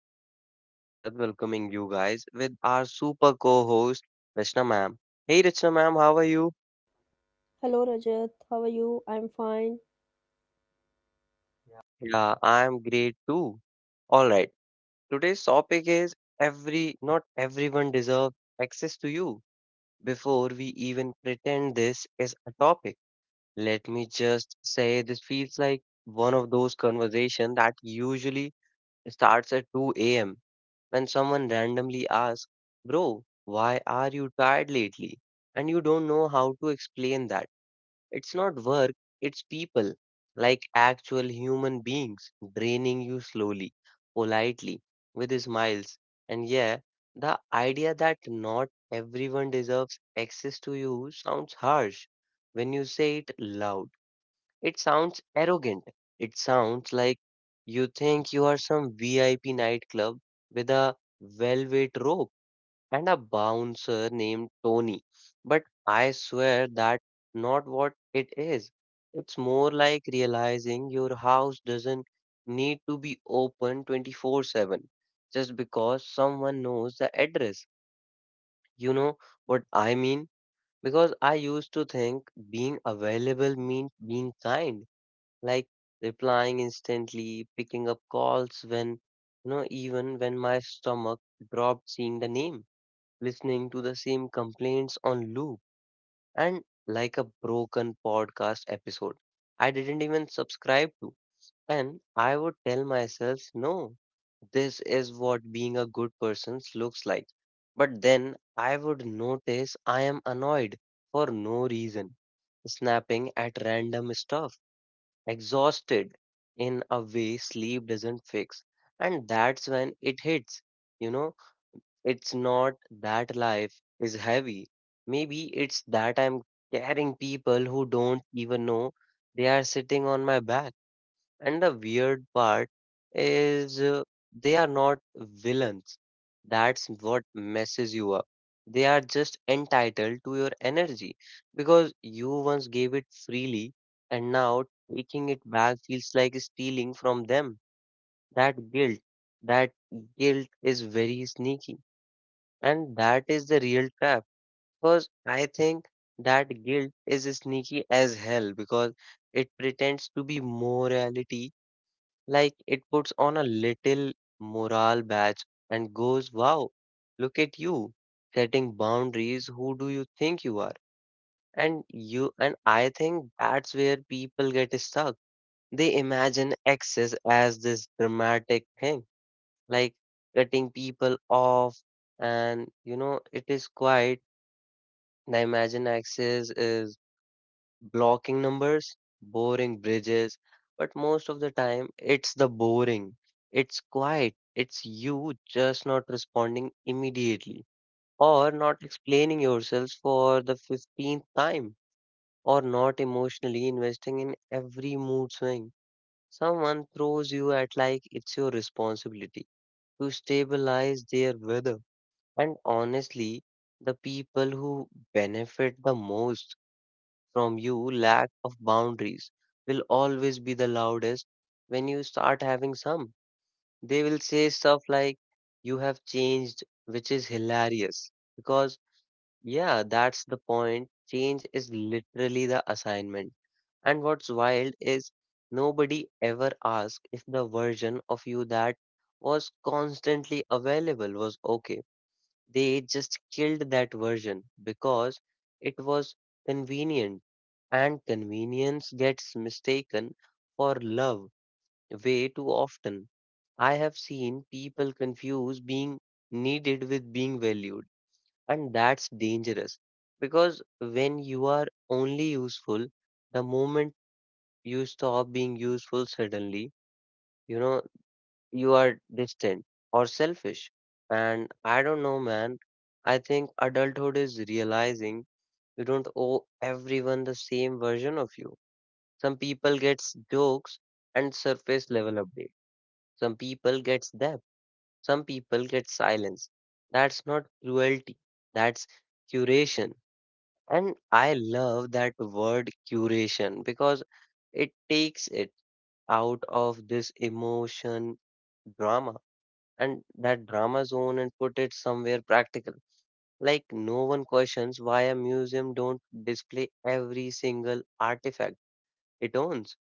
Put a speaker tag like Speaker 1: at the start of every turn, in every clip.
Speaker 1: is your host Rajat, welcoming you guys with our super co-host Rachna ma'am. Hey Rachna ma'am, how are you?
Speaker 2: Hello Rajat, how are you? I'm fine. Yeah.
Speaker 1: Yeah, I am great too. All right. Today's topic is every not everyone deserves access to you. Before we even pretend this is a topic, let me just say this feels like one of those conversations that usually starts at 2 a.m when someone randomly asks, "Bro, why are you tired lately?" And you don't know how to explain that. It's not work, it's people, like actual human beings, draining you slowly, politely, with smiles. And yeah, the idea that not everyone deserves access to you sounds harsh. When you say it loud, it sounds arrogant. It sounds like you think you are some VIP nightclub with a velvet rope and a bouncer named Tony. But I swear that not what it is. It's more like realizing your house doesn't need to be open 24/7 just because someone knows the address. You know what I mean? Because I used to think being available means being kind, like replying instantly, picking up calls when, you know, even when my stomach dropped seeing the name, listening to the same complaints on loop, and like a broken podcast episode I didn't even subscribe to. And I would tell myself, "No, this is what being a good person looks like." But then I would notice I am annoyed for no reason, snapping at random stuff, exhausted in a way sleep doesn't fix. And that's when it hits. You know, it's not that life is heavy. Maybe it's that I'm carrying people who don't even know they are sitting on my back. And the weird part is, they are not villains. That's what messes you up. They are just entitled to your energy because you once gave it freely, and now taking it back feels like stealing from them. That guilt, that guilt is very sneaky. And that is the real trap, because I think that guilt is sneaky as hell because it pretends to be morality, like it puts on a little morale badge and goes, "Wow, look at you setting boundaries. Who do you think you are?" And you and I think that's where people get stuck. They imagine excess as this dramatic thing, like cutting people off, and you know, it is quite. The imagine access is blocking numbers, boring bridges, but most of the time it's the boring. It's quiet. It's you just not responding immediately or not explaining yourselves for the 15th time or not emotionally investing in every mood swing. Someone throws you at like it's your responsibility to stabilize their weather. And honestly, the people who benefit the most from you, lack of boundaries will always be the loudest when you start having some. They will say stuff like, "You have changed," which is hilarious. Because, yeah, that's the point. Change is literally the assignment. And what's wild is nobody ever asked if the version of you that was constantly available was okay. They just killed that version because it was convenient, and convenience gets mistaken for love way too often. I have seen people confuse being needed with being valued, and that's dangerous because when you are only useful, the moment you stop being useful, suddenly, you know, you are distant or selfish. And I don't know, man. I think adulthood is realizing you don't owe everyone the same version of you. Some people gets jokes and surface level update. Some people gets depth. Some people get silence. That's not cruelty. That's curation. And I love that word curation because it takes it out of this emotion drama and that drama zone and put it somewhere practical. Like no one questions why a museum don't display every single artifact it owns.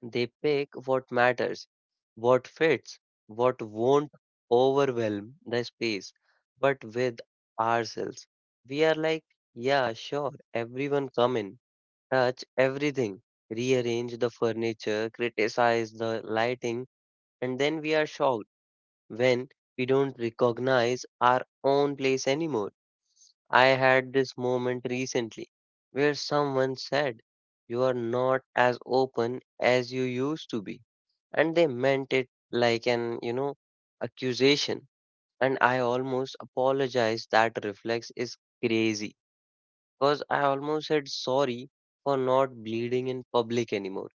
Speaker 1: They pick what matters, what fits, what won't overwhelm the space. But with ourselves, we are like, "Yeah, sure, everyone come in, touch everything, rearrange the furniture, criticize the lighting," and then we are shocked when we don't recognize our own place anymore. I had this moment recently where someone said, "You are not as open as you used to be." And they meant it like an, you know, accusation. And I almost apologized. That reflex is crazy because I almost said sorry for not bleeding in public anymore.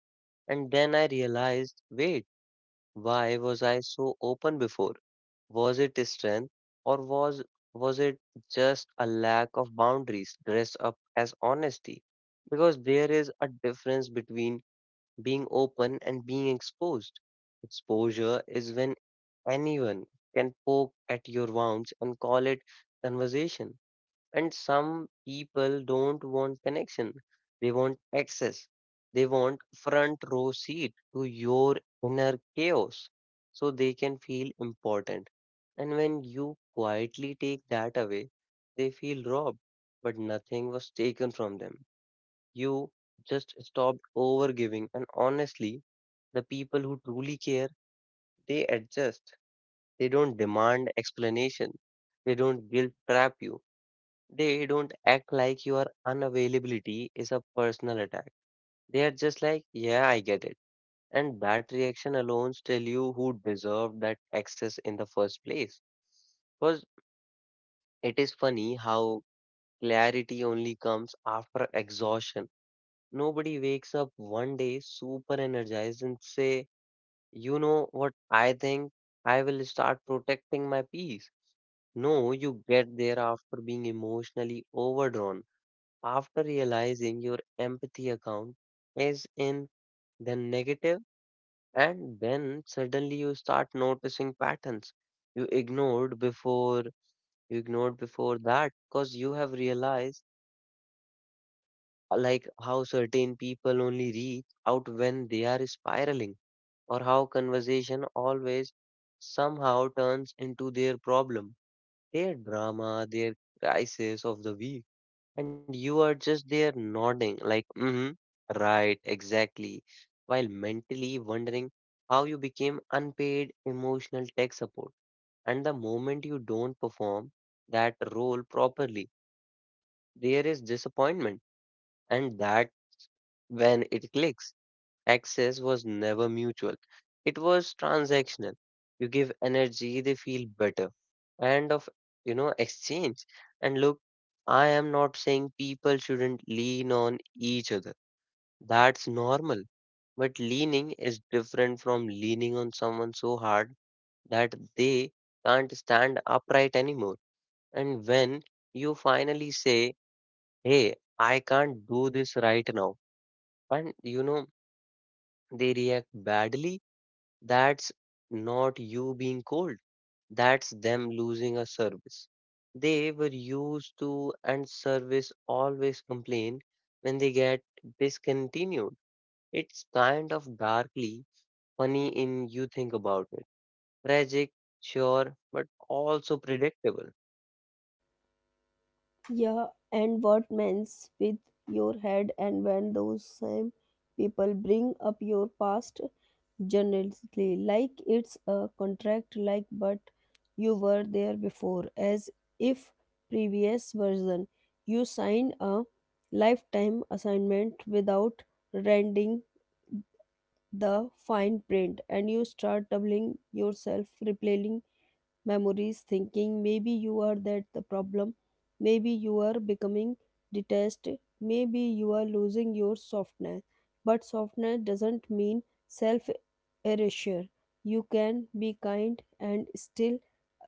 Speaker 1: And then I realized, wait, why was I so open before? Was it strength or was it just a lack of boundaries dressed up as honesty? Because there is a difference between being open and being exposed. Exposure is when anyone can poke at your wounds and call it conversation. And some people don't want connection. They want access. They want front row seat to your inner chaos so they can feel important. And when you quietly take that away, they feel robbed, but nothing was taken from them. You just stopped over giving. And honestly, the people who truly care, they adjust. They don't demand explanation. They don't guilt trap you. They don't act like your unavailability is a personal attack. They are just like, "Yeah, I get it." And that reaction alone tell you who deserved that access in the first place. Because it is funny how clarity only comes after exhaustion. Nobody wakes up one day super energized and say, "You know what I think? I will start protecting my peace." No, you get there after being emotionally overdrawn, after realizing your empathy account is in the negative. And then suddenly you start noticing patterns you ignored before you ignored before that, because you have realized, like how certain people only reach out when they are spiraling, or how conversation always somehow turns into their problem, their drama, their crisis of the week. And you are just there nodding, like, "Mm-hmm, right, exactly," while mentally wondering how you became unpaid emotional tech support. And the moment you don't perform that role properly, there is disappointment. And that when it clicks access was never mutual. It was transactional. You give energy, they feel better. And of, you know, exchange. And look, I am not saying people shouldn't lean on each other. That's normal. But leaning is different from leaning on someone so hard that they can't stand upright anymore. And when you finally say, "Hey, I can't do this right now," and you know, they react badly, that's not you being cold. That's them losing a service. They were used to, and service always complain when they get discontinued. It's kind of darkly funny in you think about it. Tragic, sure, but also predictable.
Speaker 2: Yeah, and what mends with your head? And when those same people bring up your past generously like it's a contract, like, but you were there before, as if previous version you signed a lifetime assignment without rending the fine print. And you start doubling yourself, replaying memories, thinking maybe you are that the problem, maybe you are becoming detached, maybe you are losing your softness. But softness doesn't mean self erasure. You can be kind and still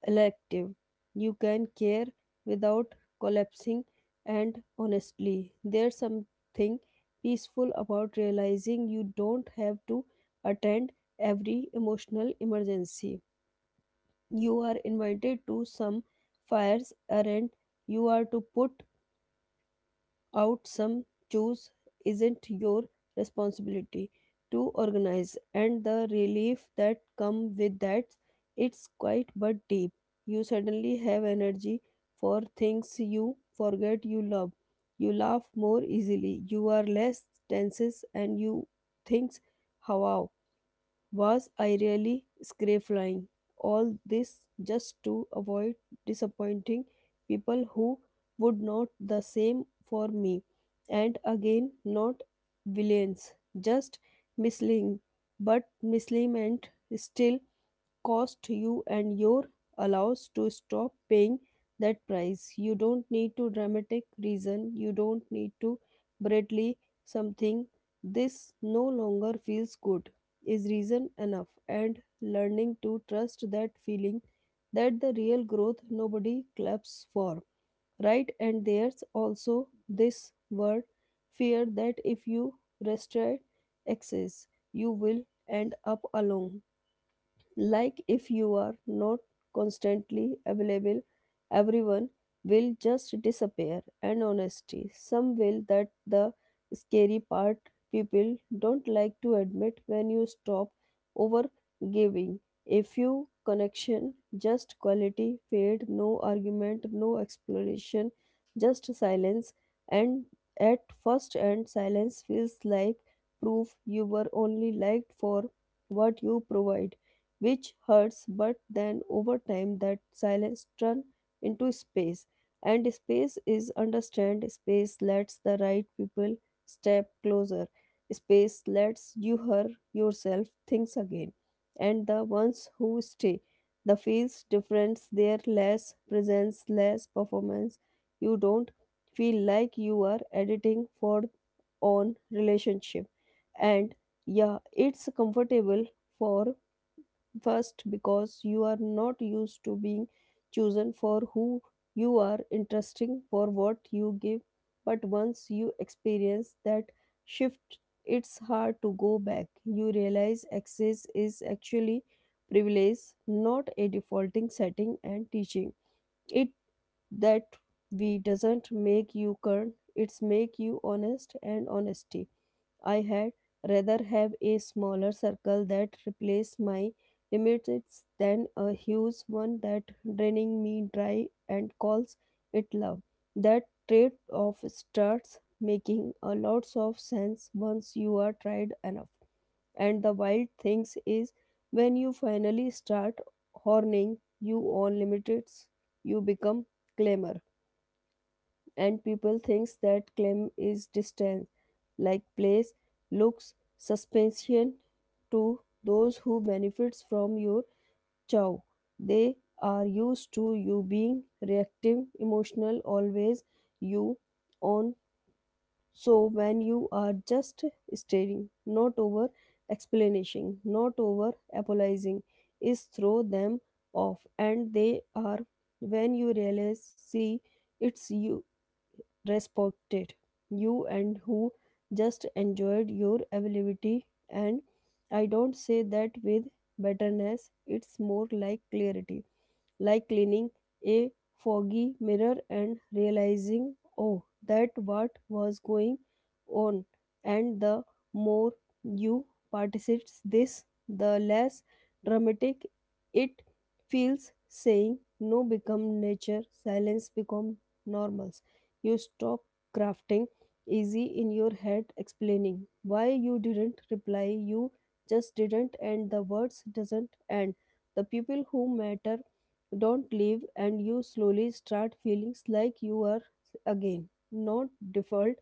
Speaker 2: elective. You can care without collapsing. And honestly, there's something peaceful about realizing you don't have to attend every emotional emergency you are invited to. Some fires errand you are to put out, some chores isn't your responsibility to organize. And the relief that come with that, it's quite but deep. You suddenly have energy for things you forget you love. You laugh more easily, you are less tense, and you think, wow, was I really flying? All this just to avoid disappointing people who would not the same for me. And again, not villains, just misleading, but misleading and still cost you. And your allows to stop paying that price. You don't need to dramatic reason. You don't need to bradly something. This no longer feels good is reason enough, and learning to trust that feeling, that the real growth nobody claps for. Right, and there's also this word fear that if you restrict access, you will end up alone, like if you are not constantly available, everyone will just disappear. And honesty, some will. That the scary part people don't like to admit when you stop over giving. A few connection, just quality fade, no argument, no explanation, just silence. And at first, and silence feels like proof you were only liked for what you provide, which hurts. But then over time that silence turns into space. And space is understand, space lets the right people step closer, space lets you her yourself things again. And the ones who stay, the feels difference, their less presence, less performance. You don't feel like you are editing for on relationship. And yeah, it's comfortable for First, because you are not used to being chosen for who you are, interesting for what you give. But once you experience that shift, it's hard to go back. You realize access is actually privilege, not a defaulting setting and teaching. It that we doesn't make you current, it's make you honest. And honesty, I had rather have a smaller circle that replaced my limits than a huge one that draining me dry and calls it love. That trade-off starts making a lot of sense once you are tried enough. And the wild things is when you finally start horning you on limits, you become claimer, and people thinks that claim is distant, like place looks suspension to those who benefits from your chow. They are used to you being reactive, emotional, always you on. So when you are just staring, not over explanation, not over apologizing, is throw them off. And they are when you realize, see, it's you respected you and who just enjoyed your availability. And I don't say that with bitterness, it's more like clarity, like cleaning a foggy mirror and realizing, oh, that what was going on. And the more you participate this, the less dramatic it feels. Saying no become nature, silence become normal. You stop crafting easy in your head explaining why you didn't reply, you just didn't. And the words doesn't end, the people who matter don't leave. And you slowly start feelings like you are again not default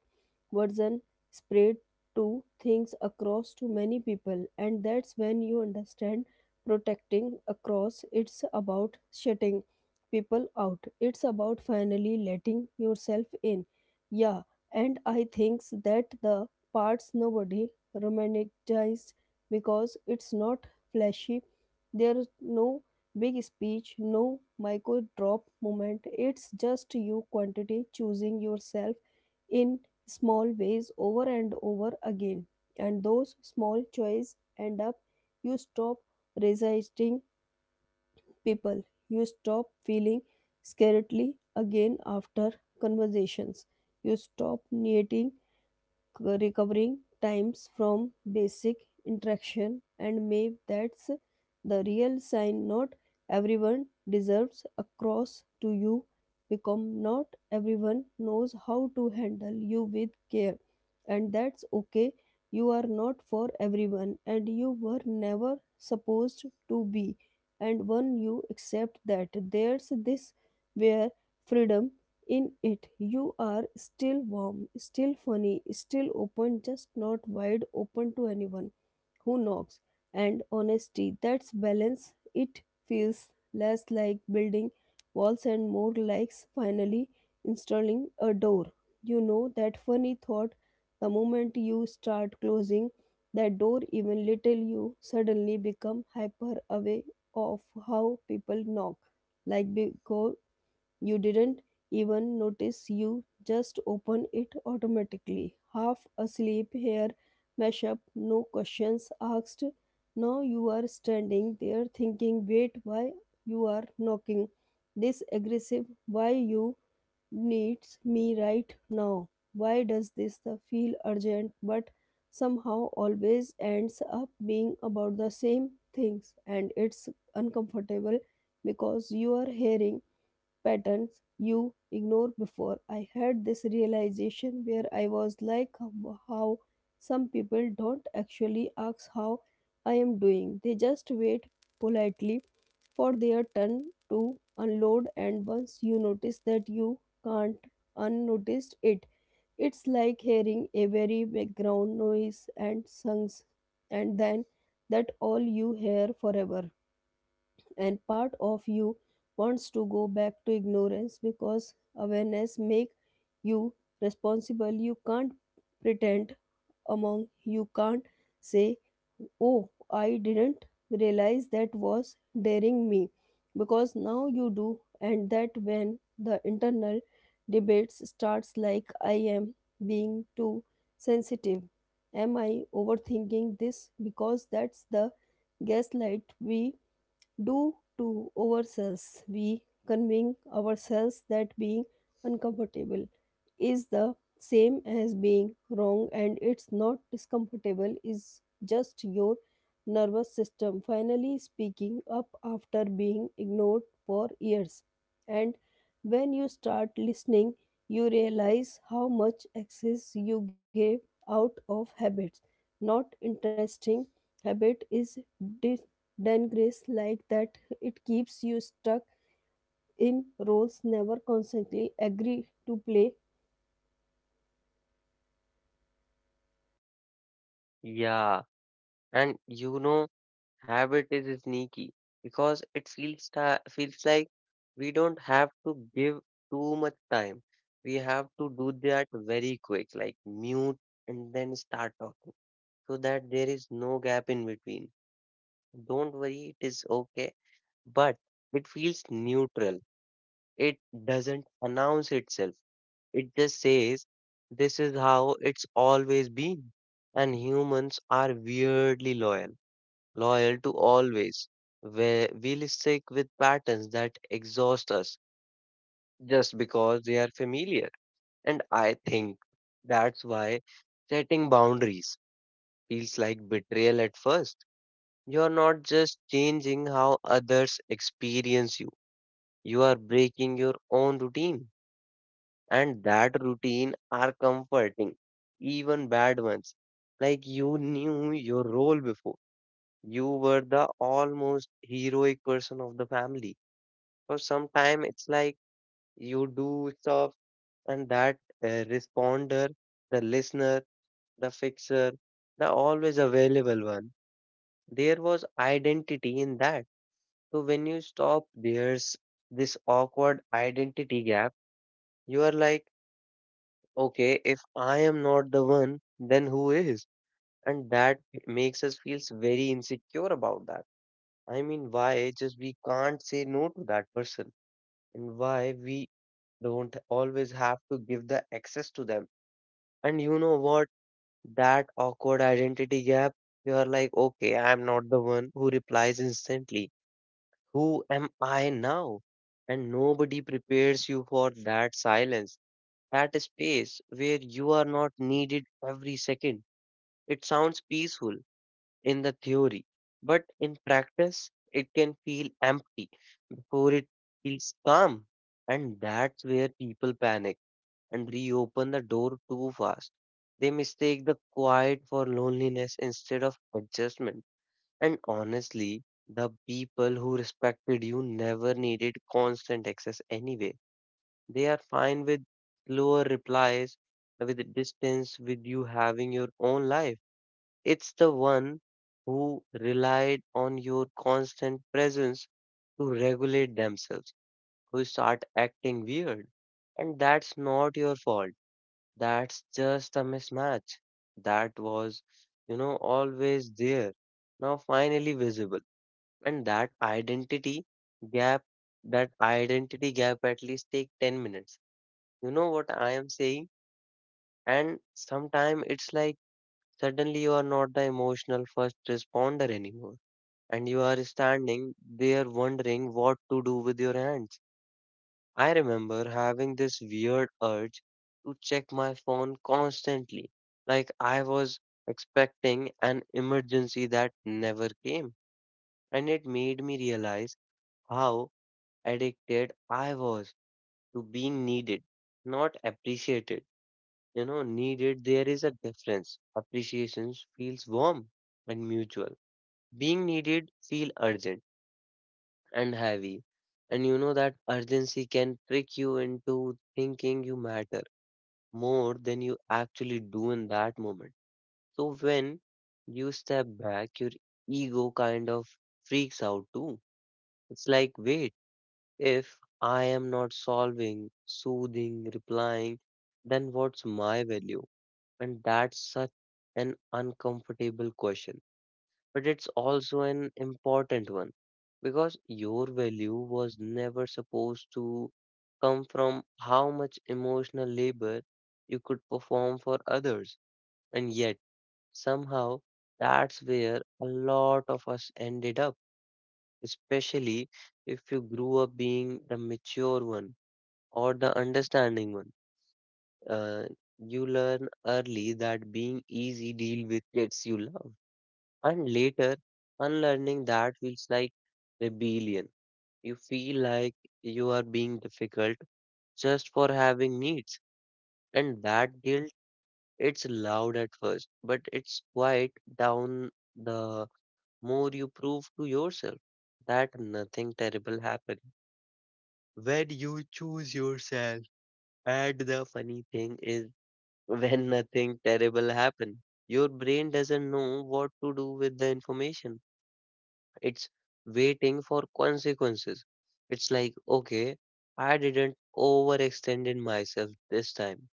Speaker 2: version spread to things across to many people. And that's when you understand protecting across it's about shutting people out. It's about finally letting yourself in. Yeah, and I think that the parts nobody romanticized because it's not flashy. There's no big speech, no micro drop moment. It's just you quantity choosing yourself in small ways, over and over again. And those small choices end up, you stop resisting people. You stop feeling scaredly again after conversations. You stop needing recovering times from basic interaction. And maybe that's the real sign. Not everyone deserves a cross to you. Become not everyone knows how to handle you with care, and that's okay. You are not for everyone, and you were never supposed to be. And when you accept that, there's this where freedom in it. You are still warm, still funny, still open, just not wide open to anyone who knocks. And honesty, that's balance. It feels less like building walls and more like finally installing a door. You know that funny thought, the moment you start closing that door, even little, you suddenly become hyper aware of how people knock. Like because you didn't even notice, you just open it automatically. Half asleep, hair mashup, no questions asked. Now you are standing there thinking, wait, why you are knocking? This aggressive, why you needs me right now? Why does this the feel urgent but somehow always ends up being about the same things? And it's uncomfortable because you are hearing patterns you ignore before. I had this realization where I was like, "How some people don't actually ask how I am doing, they just wait politely for their turn to unload." And once you notice that, you can't unnoticed it. It's like hearing a very background noise and songs, and then that all you hear forever. And part of you wants to go back to ignorance because awareness make you responsible. You can't pretend among, you can't say, oh, I didn't realize that was daring me, because now you do. And that when the internal debates starts, like, I am being too sensitive, am I overthinking this? Because that's the gaslight we do to ourselves. We convince ourselves that being uncomfortable is the same as being wrong, and it's not. Discomfortable is just your nervous system finally speaking up after being ignored for years. And when you start listening, you realize how much access you gave out of habits, not interesting. Habit is de- done grace like that, it keeps you stuck in roles never constantly agree to play.
Speaker 1: Yeah. And you know, habit is sneaky because it feels like we don't have to give too much time. We have to do that very quick, like mute and then start talking, so that there is no gap in between. Don't worry, it is okay, but it feels neutral. It doesn't announce itself. It just says, "This is how it's always been." And humans are weirdly loyal to always. Where we'll stick with patterns that exhaust us just because they are familiar. And I think that's why setting boundaries feels like betrayal at first. You're not just changing how others experience you, you are breaking your own routine. And that routine are comforting, even bad ones. Like you knew your role before. You were the almost heroic person of the family for some time. It's like you do stuff and that, responder, the listener, the fixer, the always available one. There was identity in that. So when you stop, there's this awkward identity gap. You are like, "Okay, if I am not the one, then who is?" And that makes us feels very insecure about that. I mean, why just we can't say no to that person, and why we don't always have to give the access to them. And you know what? That awkward identity gap, you are like, "Okay, I'm not the one who replies instantly. Who am I now?" And nobody prepares you for that silence, that space where you are not needed every second. It sounds peaceful in the theory, but in practice, it can feel empty before it feels calm. And that's where people panic and reopen the door too fast. They mistake the quiet for loneliness instead of adjustment. And honestly, the people who respected you never needed constant access anyway. They are fine with slower replies, with the distance, with you having your own life. It's the one who relied on your constant presence to regulate themselves who start acting weird. And that's not your fault. That's just a mismatch that was, you know, always there, now finally visible. And gap, that identity gap at least take 10 minutes. You know what I am saying? And sometimes it's like suddenly you are not the emotional first responder anymore. And you are standing there wondering what to do with your hands. I remember having this weird urge to check my phone constantly, like I was expecting an emergency that never came. And it made me realize how addicted I was to being needed, not appreciated. You know, needed, there is a difference. Appreciation feels warm and mutual. Being needed feel urgent and heavy. And you know that urgency can trick you into thinking you matter more than you actually do in that moment. So when you step back, your ego kind of freaks out too. It's like, wait, if I am not solving, soothing, replying, then what's my value? And that's such an uncomfortable question. But it's also an important one because your value was never supposed to come from how much emotional labor you could perform for others. And yet, somehow, that's where a lot of us ended up, especially if you grew up being the mature one or the understanding one. Uh, you learn early that being easy deal with gets you love, and later, unlearning that feels like rebellion. You feel like you are being difficult just for having needs, and that guilt, it's loud at first, but it's quiet down the more you prove to yourself that nothing terrible happened when you choose yourself. And the funny thing is, when nothing terrible happens, your brain doesn't know what to do with the information. It's waiting for consequences. It's like, okay, I didn't overextend in myself this time.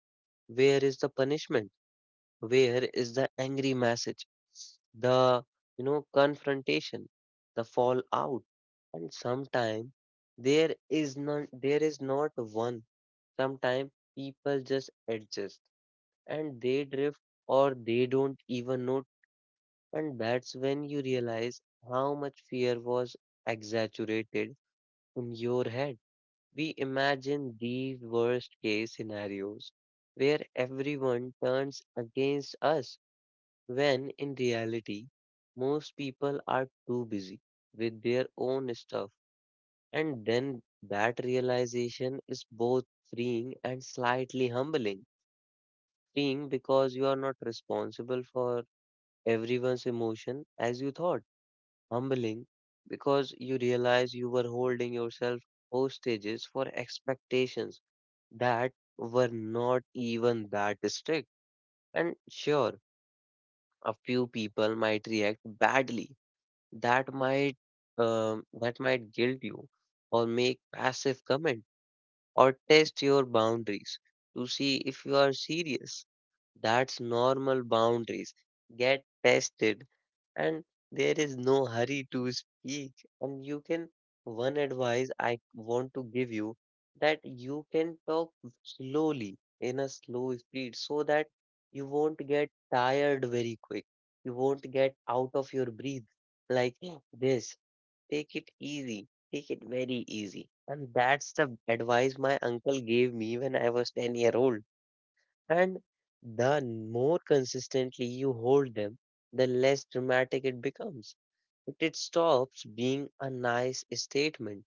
Speaker 1: Where is the punishment? Where is the angry message, the confrontation, the fallout? And sometimes there is not one. Sometimes people just adjust and they drift or they don't even note. And that's when you realize how much fear was exaggerated in your head. We imagine these worst case scenarios where everyone turns against us when in reality, most people are too busy with their own stuff, and then that realization is both freeing and slightly humbling. Freeing because you are not responsible for everyone's emotion as you thought, humbling because you realize you were holding yourself hostages for expectations that were not even that strict. And sure, a few people might react badly that might that might guilt you or make passive comment or test your boundaries to see if you are serious, that's normal. Boundaries get tested, and there is no hurry to speak, and you can, one advice I want to give you, that you can talk slowly in a slow speed so that you won't get tired very quick, you won't get out of your breath, like this. Take it easy. Take it very easy. And that's the advice my uncle gave me when I was 10-year-old. And the more consistently you hold them, the less dramatic it becomes. It stops being a nice statement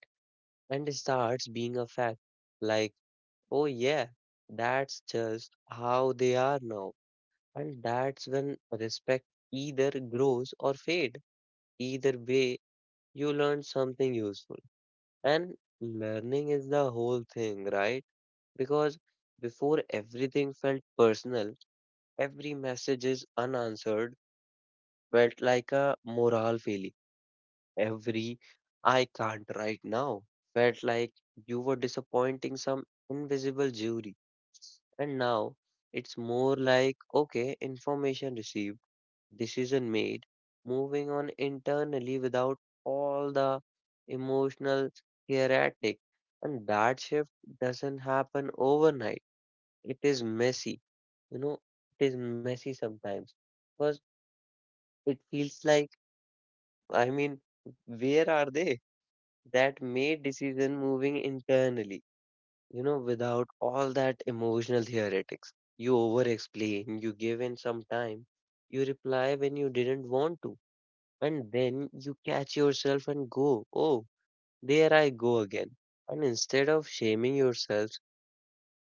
Speaker 1: and starts being a fact. Like, oh yeah, that's just how they are now. And that's when respect either grows or fade. Either way, you learn something useful. And learning is the whole thing, right? Because before everything felt personal, every message is unanswered felt like a moral failure. Every I can't right now felt like you were disappointing some invisible jury. And now it's more like, okay, information received, decision made, moving on internally without all the emotional hieratic. And that shift doesn't happen overnight. It is messy, you know, it is messy sometimes because it feels like, I mean, where are they that made decision moving internally, you know, without all that emotional theoretics? You over explain, you give in some time, you reply when you didn't want to. And then you catch yourself and go, oh, there I go again. And instead of shaming yourself,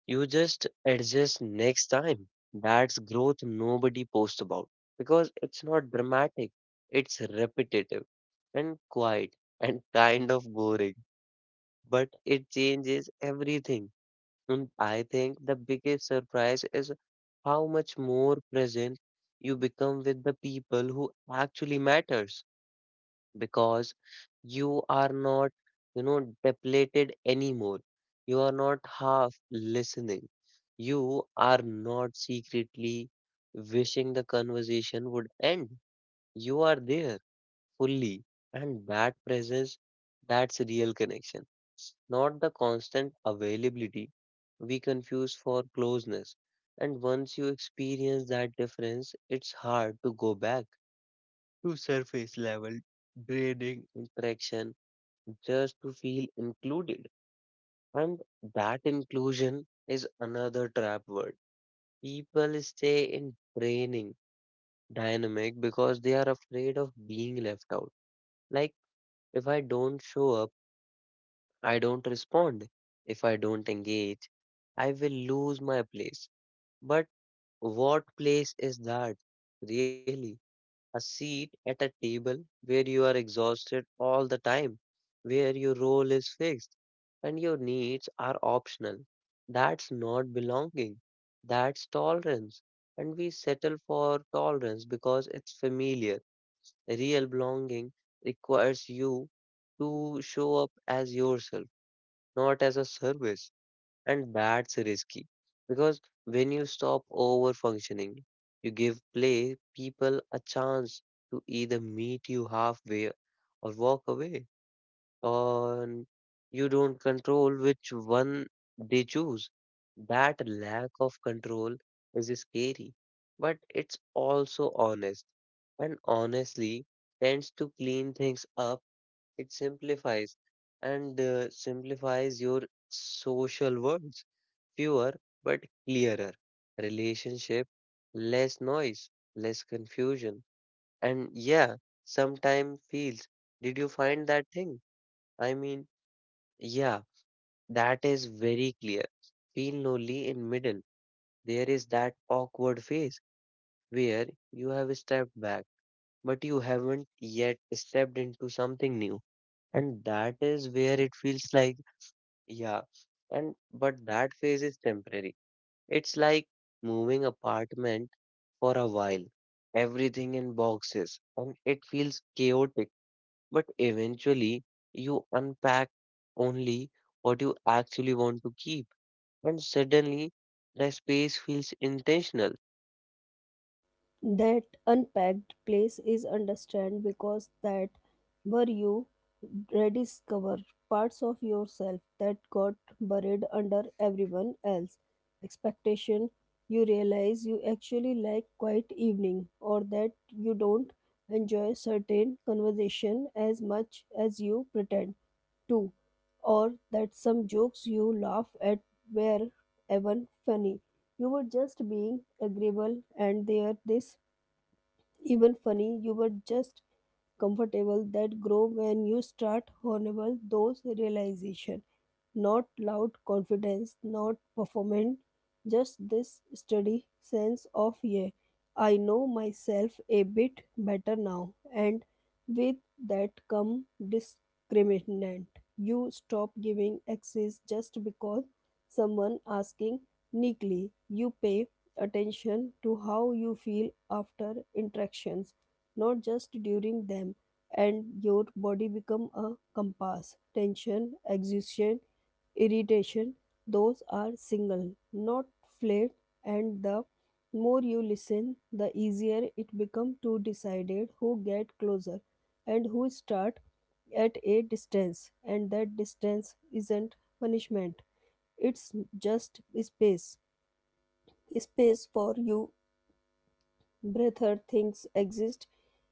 Speaker 1: you just adjust next time. That's growth nobody posts about because it's not dramatic, it's repetitive and quiet and kind of boring, but it changes everything. And I think the biggest surprise is how much more present you become with the people who actually matters because you are not, you know, depleted anymore. You are not half listening. You are not secretly wishing the conversation would end. You are there fully, and that presence, that's real connection, not the constant availability we confuse for closeness. And once you experience that difference, it's hard to go back to surface level draining interaction just to feel included. And that inclusion is another trap word. People stay in training dynamic because they are afraid of being left out. Like, if I don't show up, I don't respond. If I don't engage, I will lose my place. But what place is that, really? A seat at a table where you are exhausted all the time, where your role is fixed and your needs are optional. That's not belonging. That's tolerance. And we settle for tolerance because it's familiar. Real belonging requires you to show up as yourself, not as a service. And that's risky because when you stop over functioning, you give play people a chance to either meet you halfway or walk away, and you don't control which one they choose. That lack of control is scary, but it's also honest, and honestly tends to clean things up. It simplifies and simplifies your social words. Fewer but clearer relationship, less noise, less confusion. And yeah, sometimes feels, did you find that thing? I mean, yeah, that is very clear. Feel lonely in middle. There is that awkward phase where you have stepped back, but you haven't yet stepped into something new. And that is where it feels like, yeah, and but that phase is temporary. It's like moving apartment for a while. Everything in boxes and it feels chaotic, but eventually you unpack only what you actually want to keep, and suddenly the space feels intentional.
Speaker 2: That unpacked place is understand, because that were you rediscover parts of yourself that got buried under everyone else expectation. You realize you actually like quiet evening, or that you don't enjoy certain conversation as much as you pretend too, or that some jokes you laugh at were even funny. You were just being agreeable, and they are this even funny. You were just comfortable that grow when you start honorable those realization. Not loud confidence, not performance, just this steady sense of, yeah, I know myself a bit better now. And with that come discriminant. You stop giving access just because someone asking neatly. You pay attention to how you feel after interactions, not just during them. And your body become a compass. Tension, exhaustion, irritation, those are single, not flayed. And the more you listen, the easier it becomes to decide who get closer and who start at a distance. And that distance isn't punishment. It's just space, space for you breather things exist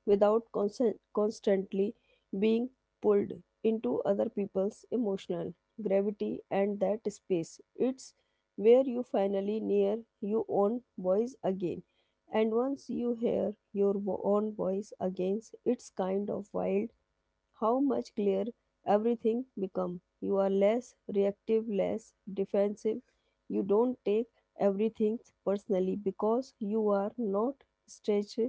Speaker 2: without constantly being pulled into other people's emotional gravity. And that space, it's where you finally near your own voice again. And once you hear your own voice again, it's kind of wild how much clearer everything become. You are less reactive, less defensive. You don't take everything personally because you are not stretched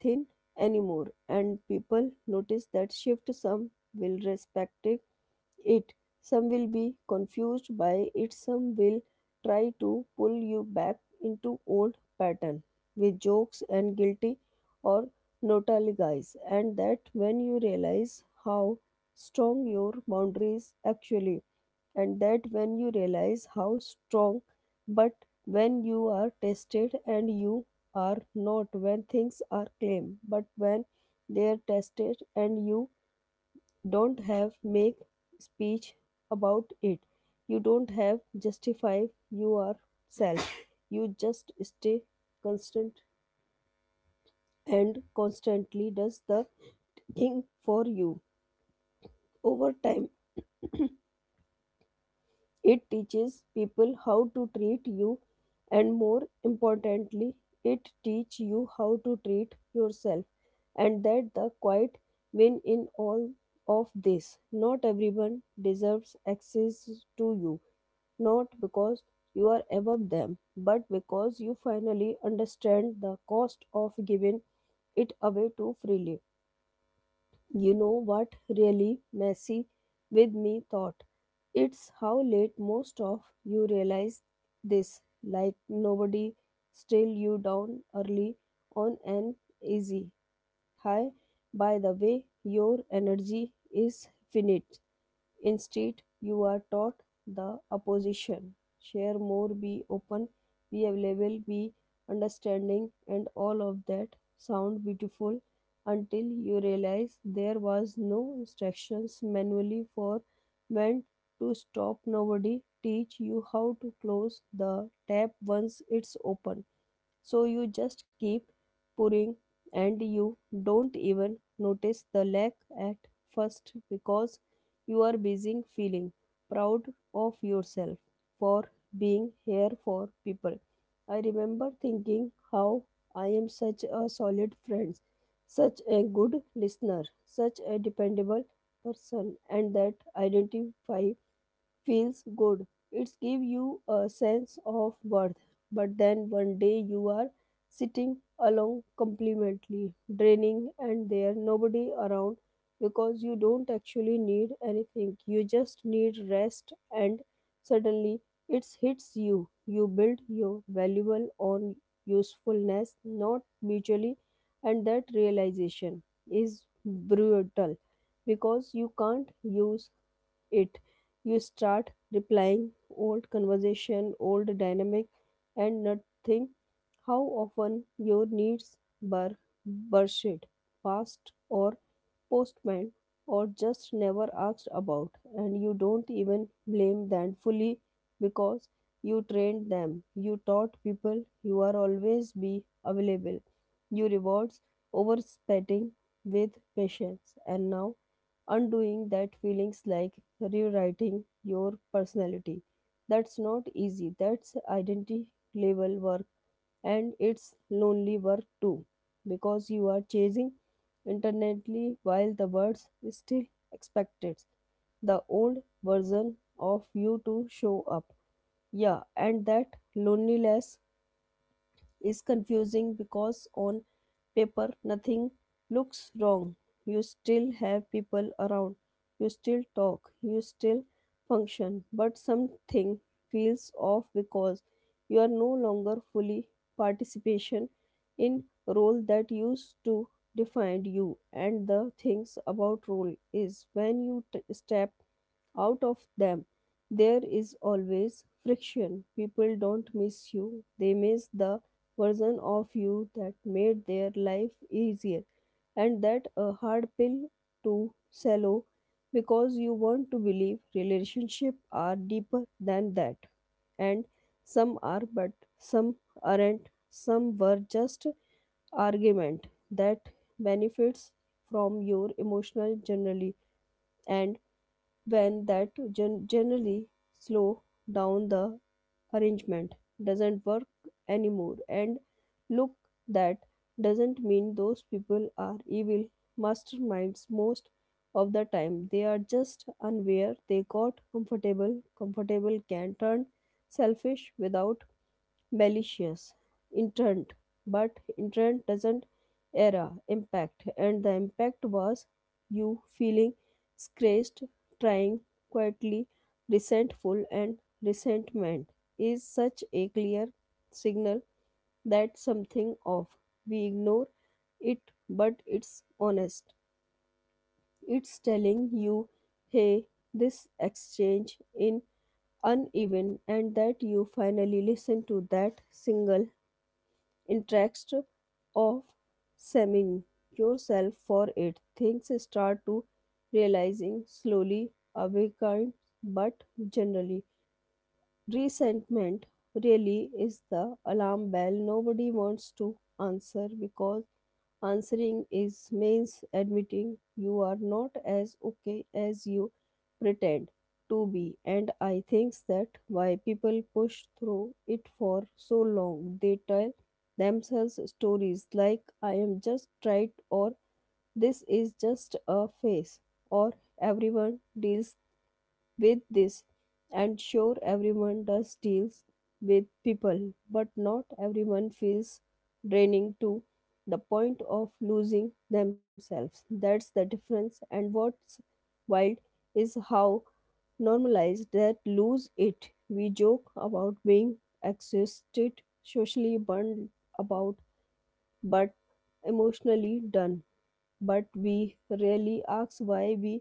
Speaker 2: thin anymore. And people notice that shift. Some will respect it. Some will be confused by it, some will try to pull you back into old pattern with jokes and guilty, or guys. And that when you realize how strong your boundaries actually. And that when you realize how strong. But when you are tested, and you are not when things are claimed but when they are tested, and you don't have make speech about it, you don't have justify yourself, you just stay constant. And constantly does the thing for you over time. It teaches people how to treat you, and more importantly, it teach you how to treat yourself. And that the quiet win in all of this. Not everyone deserves access to you, not because you are above them, but because you finally understand the cost of giving it away too freely. You know what really messy with me thought? It's how late most of you realize this. Like nobody still you down early on an easy high. By the way, your energy is finite. Instead, you are taught the opposition. Share more, be open, be available, be understanding, and all of that sound beautiful until you realize there was no instructions manually for when to stop. Nobody teach you how to close the tap once it's open. So you just keep pouring and you don't even notice the lack at first because you are busy feeling proud of yourself for being here for people. I remember thinking how I am such a solid friend, such a good listener, such a dependable person, and that identify feels good. It's give you a sense of worth. But then one day you are sitting alone completely draining and there nobody around because you don't actually need anything. You just need rest and suddenly it hits you. You build your valuable on usefulness, not mutually, and that realization is brutal because you can't use it. You start replying old conversation old dynamic and nothing how often your needs were pursued past or postman or just never asked about, and you don't even blame them fully because you trained them. You taught people you are always be available. You rewards overspending with patience, and now undoing that feelings like rewriting your personality. That's not easy. That's identity level work, and it's lonely work too because you are chasing internally, while the words still expected the old version of you to show up. Yeah, and that loneliness is confusing because on paper nothing looks wrong. You still have people around, you still talk, you still function, but something feels off because you are no longer fully participation in role that used to define you. And the things about role is when you step out of them, there is always friction. People don't miss you, they miss the version of you that made their life easier, and that a hard pill to swallow because you want to believe relationships are deeper than that. And some are, but some aren't. Some were just argument that benefits from your emotional generally, and when that generally slow down, the arrangement doesn't work anymore. And look, that doesn't mean those people are evil masterminds. Most of the time they are just unaware. They got Comfortable can turn selfish without malicious intent, but intent doesn't era impact. And the impact was you feeling scratched, trying quietly resentful, and resentment is such a clear signal that something off. We ignore it, but it's honest. It's telling you, hey, this exchange in uneven, and that you finally listen to that single interest of saving yourself for it. Things start to realizing slowly awakens, but generally resentment really is the alarm bell nobody wants to answer because answering is means admitting you are not as okay as you pretend to be. And I think that why people push through it for so long. They tell themselves stories like I am just right, or this is just a phase, or everyone deals with this. And sure, everyone does deals with people, but not everyone feels draining to the point of losing themselves. That's the difference. And what's wild is how normalized that lose it. We joke about being exhausted socially burned about, but emotionally done, but we rarely ask why. We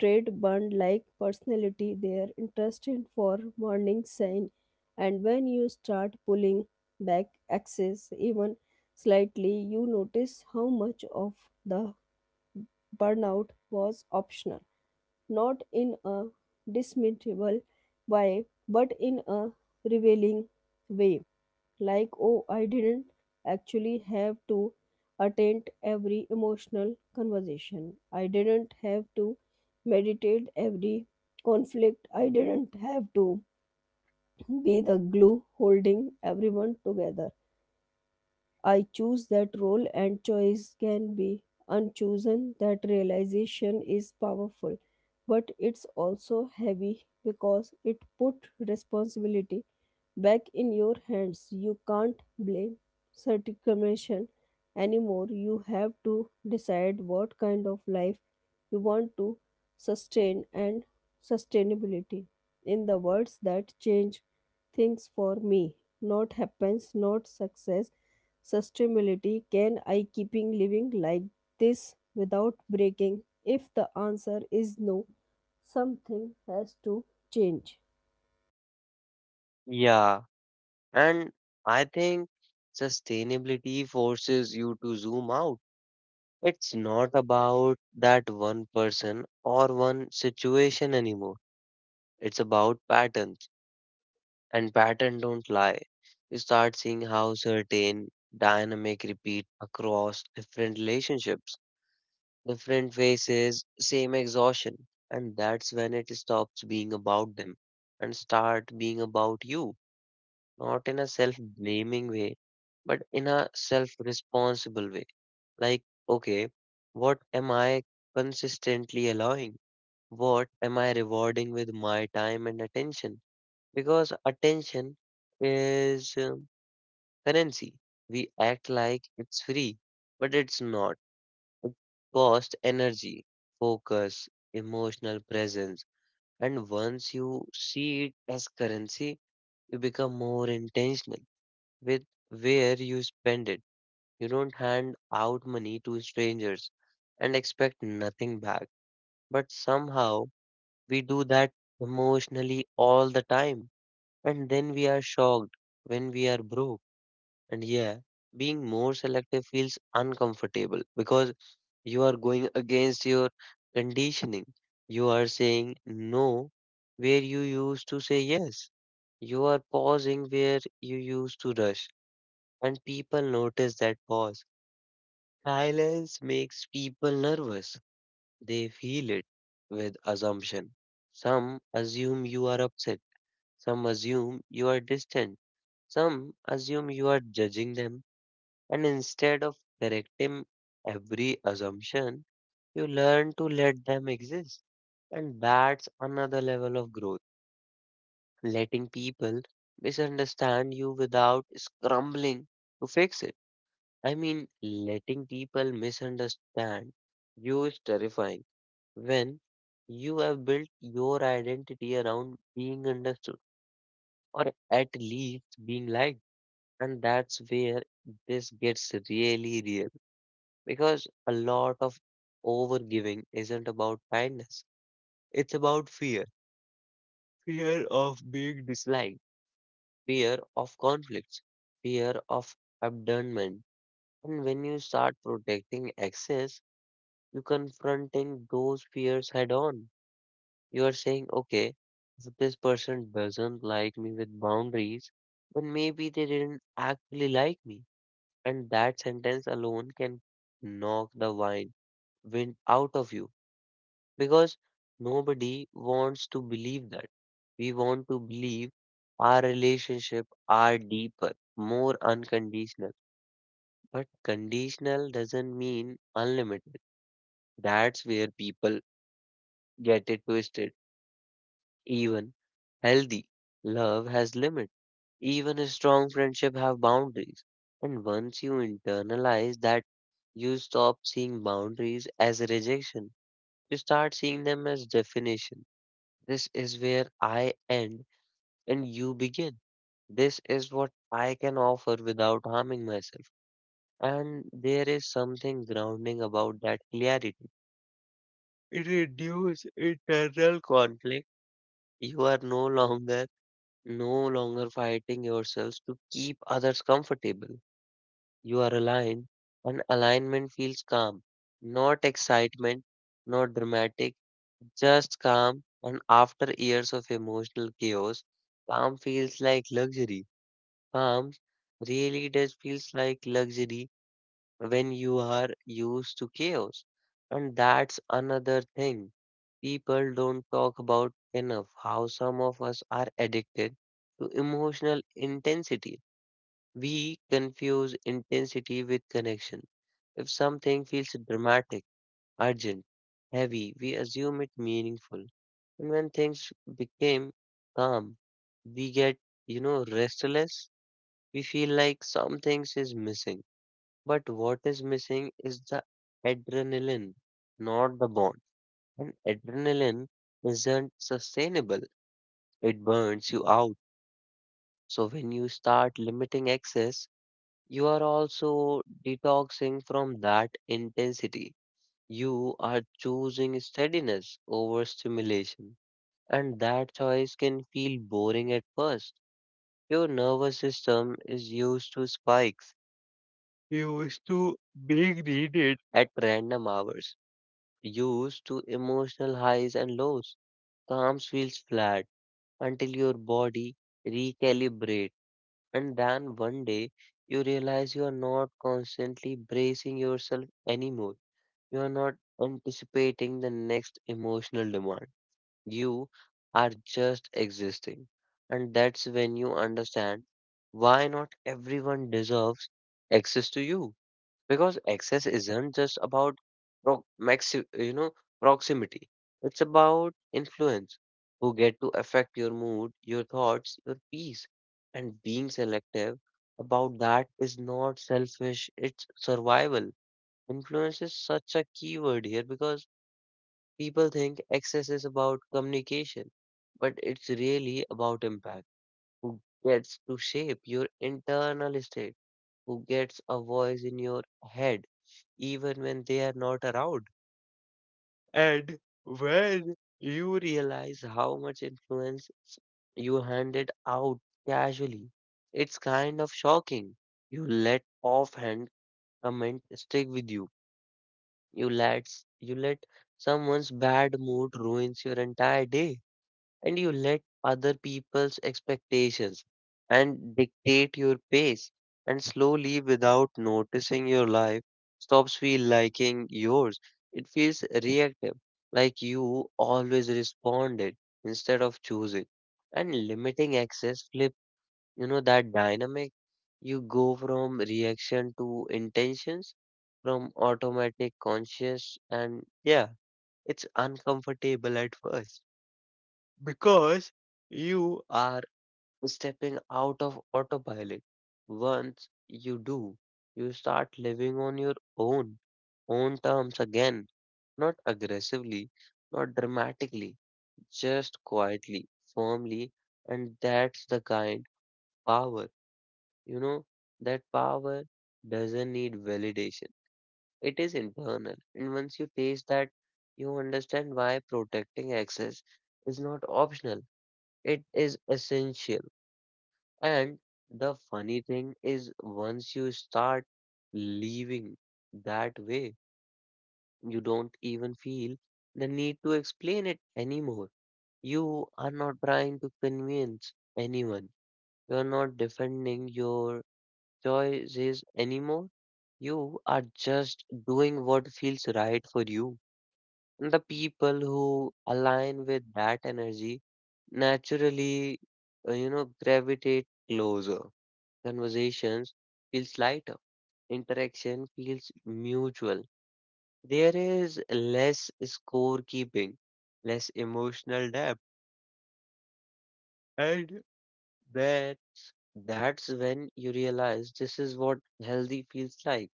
Speaker 2: trade bond like personality their interest in for morning sign, and when you start pulling back axis even slightly, you notice how much of the burnout was optional. Not in a dismissible way, but in a revealing way, like, oh, I didn't actually have to attend every emotional conversation. I didn't have to meditate every conflict. I didn't have to be the glue holding everyone together. I choose that role, and choice can be unchosen. That realization is powerful, but it's also heavy because it put responsibility back in your hands. You can't blame circumvention anymore. You have to decide what kind of life you want to sustain, and sustainability. In the words that change things for me, not happens, not success, sustainability. Can I keeping living like this without breaking? If the answer is no, something has to change.
Speaker 1: Yeah, and I think sustainability forces you to zoom out. It's not about that one person or one situation anymore. It's about patterns, and patterns don't lie. You start seeing how certain dynamic repeat across different relationships, different phases, same exhaustion, and that's when it stops being about them and start being about you, not in a self blaming way, but in a self responsible way. Like, okay, what am I consistently allowing? What am I rewarding with my time and attention? Because attention is currency. We act like it's free, but it's not. It costs energy, focus, emotional presence. And once you see it as currency, you become more intentional with where you spend it. You don't hand out money to strangers and expect nothing back. But somehow we do that emotionally all the time. And then we are shocked when we are broke. And yeah, being more selective feels uncomfortable because you are going against your conditioning. You are saying no where you used to say yes. You are pausing where you used to rush, and people notice that pause. Silence makes people nervous. They feel it with assumption. Some assume you are upset, some assume you are distant, some assume you are judging them, and instead of correcting every assumption, you learn to let them exist. And that's another level of growth. Letting people misunderstand you without scrambling to fix it. I mean, letting people misunderstand you is terrifying when you have built your identity around being understood or at least being liked. And that's where this gets really real because a lot of overgiving isn't about kindness, it's about fear, fear of being disliked, fear of conflicts, fear of abandonment. And when you start protecting access, you're confronting those fears head on. You are saying, okay, if this person doesn't like me with boundaries, then maybe they didn't actually like me. And that sentence alone can knock wind out of you because nobody wants to believe that. We want to believe our relationship are deeper, more unconditional. But conditional doesn't mean unlimited. That's where people get it twisted. Even healthy love has limits. Even a strong friendship have boundaries. And once you internalize that, you stop seeing boundaries as a rejection. You start seeing them as definition. This is where I end and you begin. This is what I can offer without harming myself. And there is something grounding about that clarity. It reduces internal conflict. You are no longer fighting yourselves to keep others comfortable. You are aligned, and alignment feels calm, not excitement, not dramatic, just calm. And after years of emotional chaos, calm feels like luxury. Calm really does feels like luxury when you are used to chaos. And that's another thing people don't talk about enough, how some of us are addicted to emotional intensity. We confuse intensity with connection. If something feels dramatic, urgent, heavy, we assume it meaningful. And when things became calm, we get, you know, restless. We feel like something is missing. But what is missing is the adrenaline, not the bond. And adrenaline isn't sustainable, it burns you out. So when you start limiting access, you are also detoxing from that intensity. You are choosing steadiness over stimulation. And that choice can feel boring at first. Your nervous system is used to spikes, used to being needed at random hours, used to emotional highs and lows. Calm feels flat until your body recalibrate, and then one day you realize you are not constantly bracing yourself anymore. You are not anticipating the next emotional demand. You are just existing. And that's when you understand why not everyone deserves access to you, because access isn't just about pro- maxi- you know proximity, it's about influence. Who get to affect your mood, your thoughts, your peace? And being selective about that is not selfish, it's survival. Influence is such a key word here, because people think access is about communication, but it's really about impact. Who gets to shape your internal state? Who gets a voice in your head even when they are not around? And when you realize how much influence you handed out casually, it's kind of shocking. You let offhand comment stick with you. You let you let someone's bad mood ruins your entire day, and you let other people's expectations and dictate your pace, and slowly, without noticing, your life stops feel liking yours. It feels reactive, like you always responded instead of choosing. And limiting access flip, you know, that dynamic. You go from reaction to intentions, from automatic conscious. And yeah, it's uncomfortable at first, because you are stepping out of autopilot. Once you do, you start living on your own, own terms again. Not aggressively, not dramatically, just quietly, firmly, and that's the kind power. You know, that power doesn't need validation. It is internal. And once you taste that, you understand why protecting access is not optional. It is essential. And the funny thing is, once you start living that way, you don't even feel the need to explain it anymore. You are not trying to convince anyone. You are not defending your choices anymore. You are just doing what feels right for you. And the people who align with that energy naturally, gravitate closer. Conversations feels lighter. Interaction feels mutual. There is less scorekeeping, less emotional depth, and that that's when you realize this is what healthy feels like.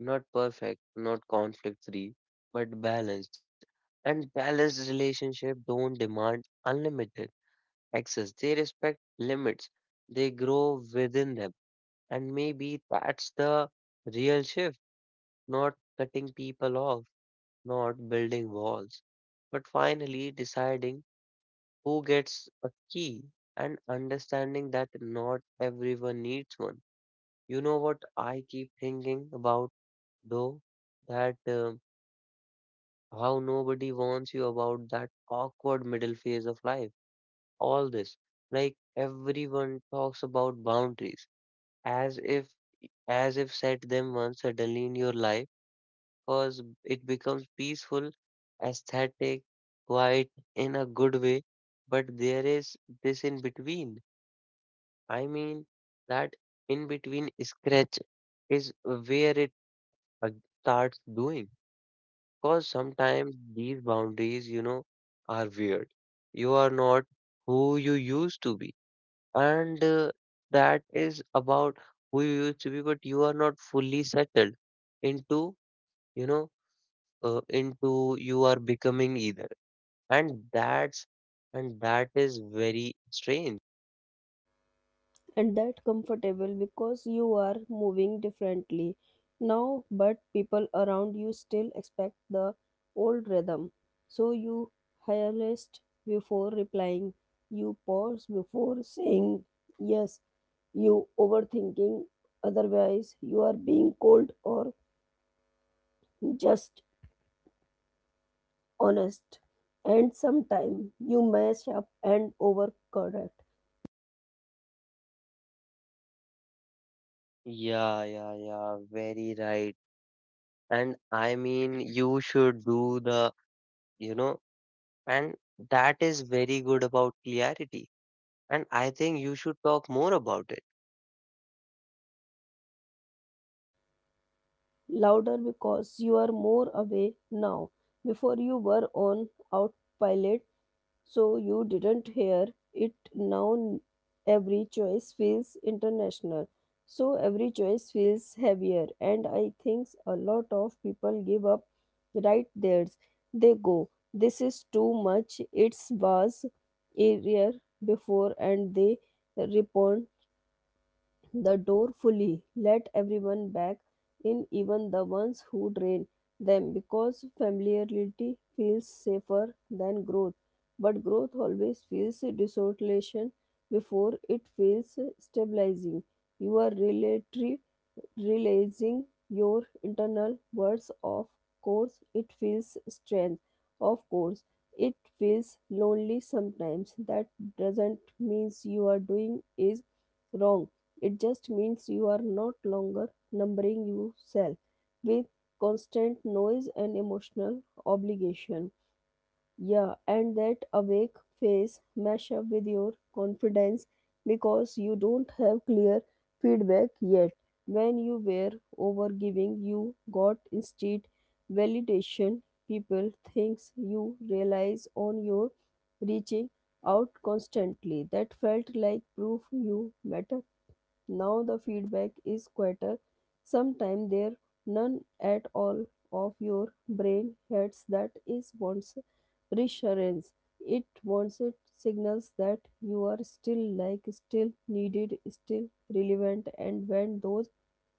Speaker 1: Not perfect, not conflict free, but balanced. And balanced relationship don't demand unlimited access. They respect limits. They grow within them. And maybe that's the real shift. Not cutting people off, not building walls, but finally deciding who gets a key, and understanding that not everyone needs one. You know what I keep thinking about though? That, how nobody warns you about that awkward middle phase of life. All this, like, everyone talks about boundaries as if, as if set them once suddenly in your life, because it becomes peaceful, aesthetic, quiet, in a good way. But there is this in between, I mean, that in between scratch is where it uh, starts doing. Because sometimes these boundaries, you know, are weird. You are not who you used to be, and that is about who you used to be, but you are not fully settled into, you know, into you are becoming either. and that's and that is very strange.
Speaker 2: And that comfortable because you are moving differently now, but people around you still expect the old rhythm. So you harassed before replying. You pause before saying yes. You overthinking otherwise you are being cold or just honest, and sometimes you mess up and overcorrect.
Speaker 1: Yeah, yeah, yeah, very right. And I mean, you should do the, you know. And that is very good about clarity, and I think you should talk more about it.
Speaker 2: Louder because you are more away now. Before you were on autopilot, so you didn't hear it. Now every choice feels international. So every choice feels heavier, and I think a lot of people give up right there. They go, this is too much, it was easier before, and they respond the door fully, let everyone back in, even the ones who drain them, because familiarity feels safer than growth. But growth always feels desolation before it feels stabilizing. You are relatory releasing your internal words. Of course it feels strange. Of course it feels lonely sometimes. That doesn't means you are doing is wrong. It just means you are not longer numbering yourself with constant noise and emotional obligation. Yeah, and that awake phase mesh up with your confidence because you don't have clear feedback yet. When you were overgiving, you got instead validation. People thinks you realize on your reaching out constantly. That felt like proof you matter. Now the feedback is quieter. Sometimes there none at all of your brain heads that is wants reassurance. It wants it signals that you are still like still needed, still relevant, and when those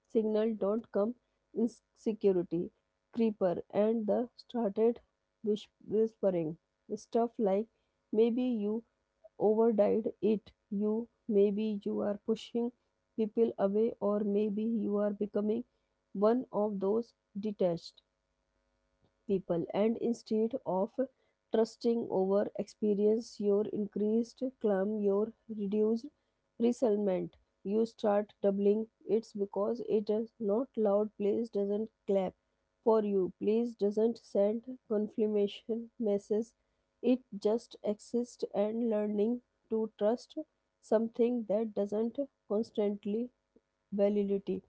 Speaker 2: signals don't come, insecurity, creeper, and the started whispering stuff like maybe you overdid it. You maybe you are pushing people away, or maybe you are becoming one of those detached people. And instead of trusting over experience your increased calm your reduced resentment, you start doubling it's because it is not loud. Place doesn't clap for you. Place doesn't send confirmation messages. It just exists, and learning to trust something that doesn't constantly validate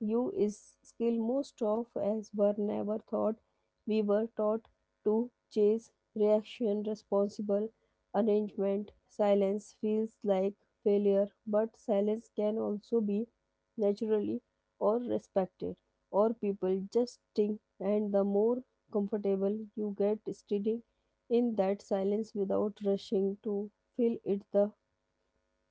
Speaker 2: you is skill most of us were never thought. We were taught to chase reaction, responsible arrangement. Silence feels like failure, but silence can also be naturally or respected, or people just think. And the more comfortable you get sitting in that silence without rushing to fill it, the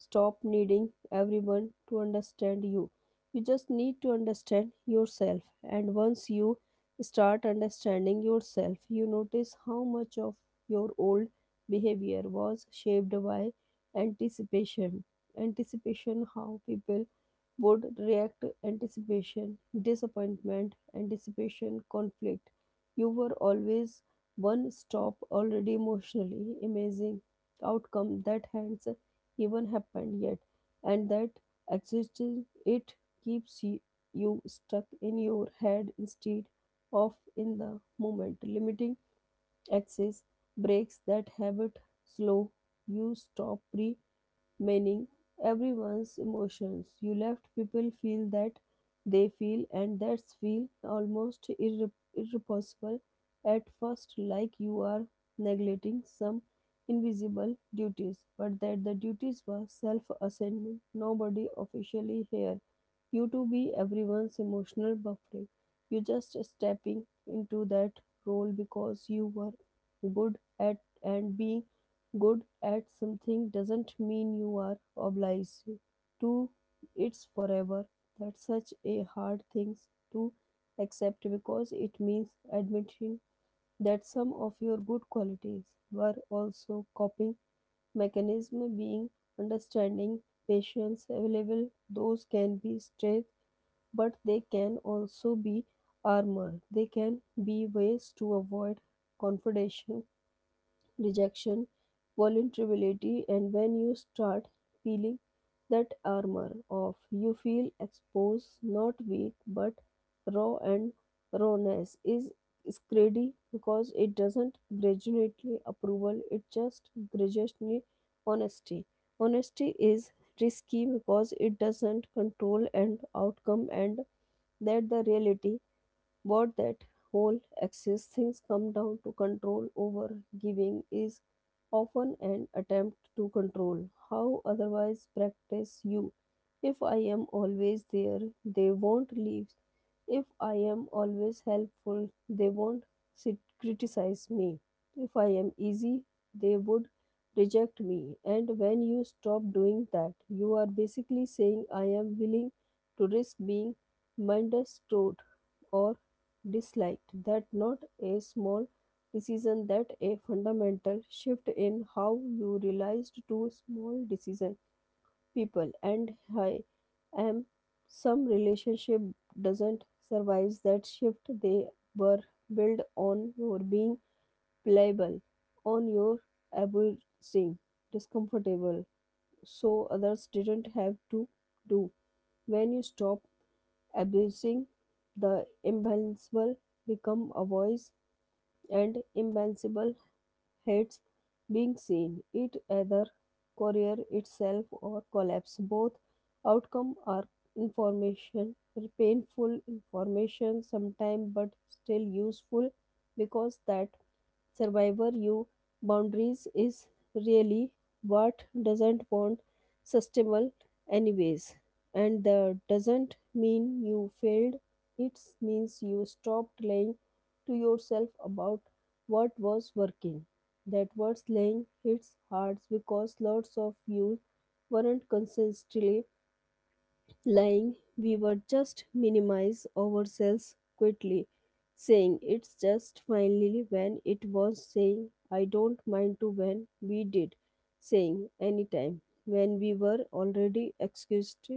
Speaker 2: stop needing everyone to understand you. You just need to understand yourself. And once you start understanding yourself, you notice how much of your old behavior was shaped by anticipation. Anticipation, how people would react, anticipation, disappointment, anticipation, conflict. You were always one stop already emotionally. Amazing outcome that hands even happened yet, and that existing it keeps you stuck in your head instead of in the moment. Limiting access breaks that habit slow. You stop pre meaning everyone's emotions. You left people feel that they feel, and that's feel almost irrepressible at first, like you are neglecting some invisible duties, but that the duties were self ascending. Nobody officially here you to be everyone's emotional buffering. You just stepping into that role because you were good at, and being good at something doesn't mean you are obliged to it's forever. That's such a hard thing to accept because it means admitting that some of your good qualities were also coping mechanism. Being understanding, patience, available, those can be strength, but they can also be armor. They can be ways to avoid confrontation, rejection, vulnerability, and when you start peeling that armor off, you feel exposed, not weak, but raw. And rawness is greedy because it doesn't gradually approval, it just gradually honesty. Honesty is risky because it doesn't control and outcome, and that the reality. But that whole access things come down to control. Over giving is often an attempt to control how otherwise practice you. If I am always there, they won't leave. If I am always helpful, they won't sit, criticize me. If I am easy, they would reject me. And when you stop doing that, you are basically saying I am willing to risk being misunderstood or disliked. That not a small decision. That a fundamental shift in how you realized to small decision people, and I am some relationship doesn't survive that shift. They were built on your being pliable, on your abusing discomfortable so others didn't have to do. When you stop abusing, the imbalance become a voice, and imbalance hates being seen. It either career itself or collapse. Both outcome are information, painful information sometimes, but still useful because that survivor you boundaries is really what doesn't want sustainable anyways. And that doesn't mean you failed. It means you stopped lying to yourself about what was working. That was lying hits hard because lots of you weren't consistently lying. We were just minimize ourselves quickly, saying it's just finally when it was, saying I don't mind to when we did, saying anytime when we were already excused,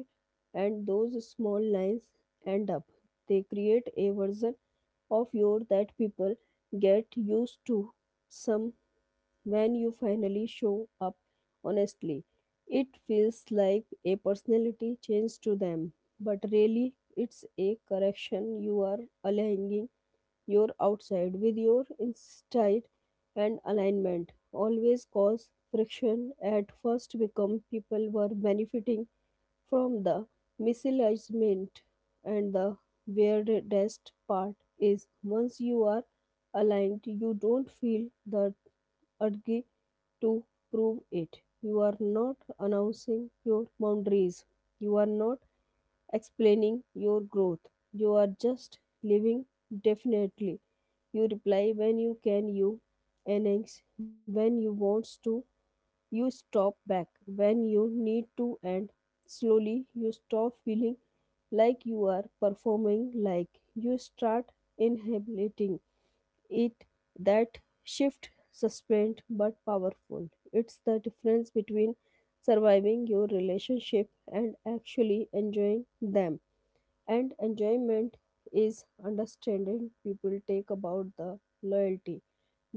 Speaker 2: and those small lines end up. They create a version of your that people get used to. Some when you finally show up honestly, it feels like a personality change to them, but really it's a correction. You are aligning your outside with your inside, and alignment always cause friction at first because people were benefiting from the misalignment. And the weirdest part is once you are aligned, you don't feel the urge to prove it. You are not announcing your boundaries. You are not explaining your growth. You are just living definitely. You reply when you can, you annex when you want to, you stop back when you need to, and slowly you stop feeling like you are performing, like you start inhabiting it. That shift sustained but powerful. It's the difference between surviving your relationship and actually enjoying them, and enjoyment is understanding. People take about the loyalty,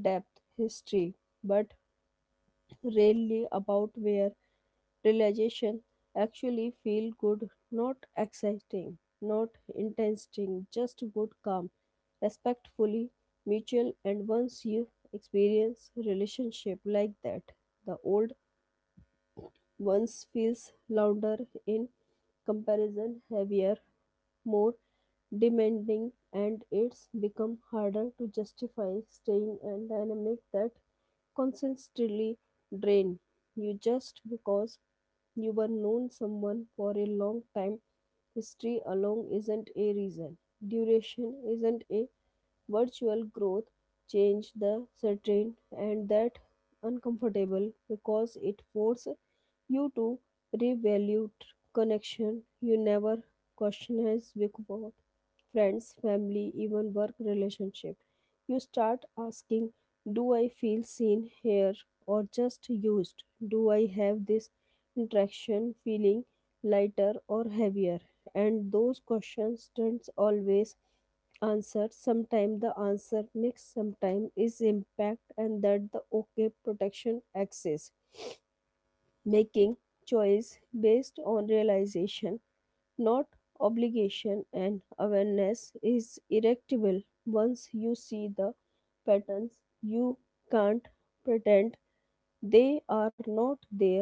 Speaker 2: depth, history, but really about where realization actually feel good, not exciting, not interesting, just good, calm, respectfully, mutual, and once you experience relationship like that, the old once feels louder in comparison, heavier, more demanding, and it's become harder to justify staying and dynamic that constantly drain you just because you were known someone for a long time. History alone isn't a reason. Duration isn't a virtual growth change the certain, and that uncomfortable because it forced you to revalue connection you never question as before. Friends, family, even work relationship. You start asking, do I feel seen here or just used? Do I have this interaction feeling lighter or heavier? And those questions don't always answer. Sometimes the answer mix, sometimes is impact, and that the okay. Protection access, making choice based on realization not obligation, and awareness is erectable. Once you see the patterns you can't pretend they are not there.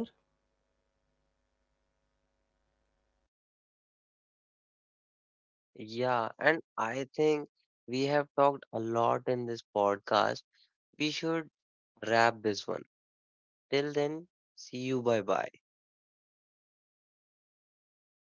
Speaker 1: Yeah, and I think we have talked a lot in this podcast, we should wrap this one. Till then, see you. Bye bye.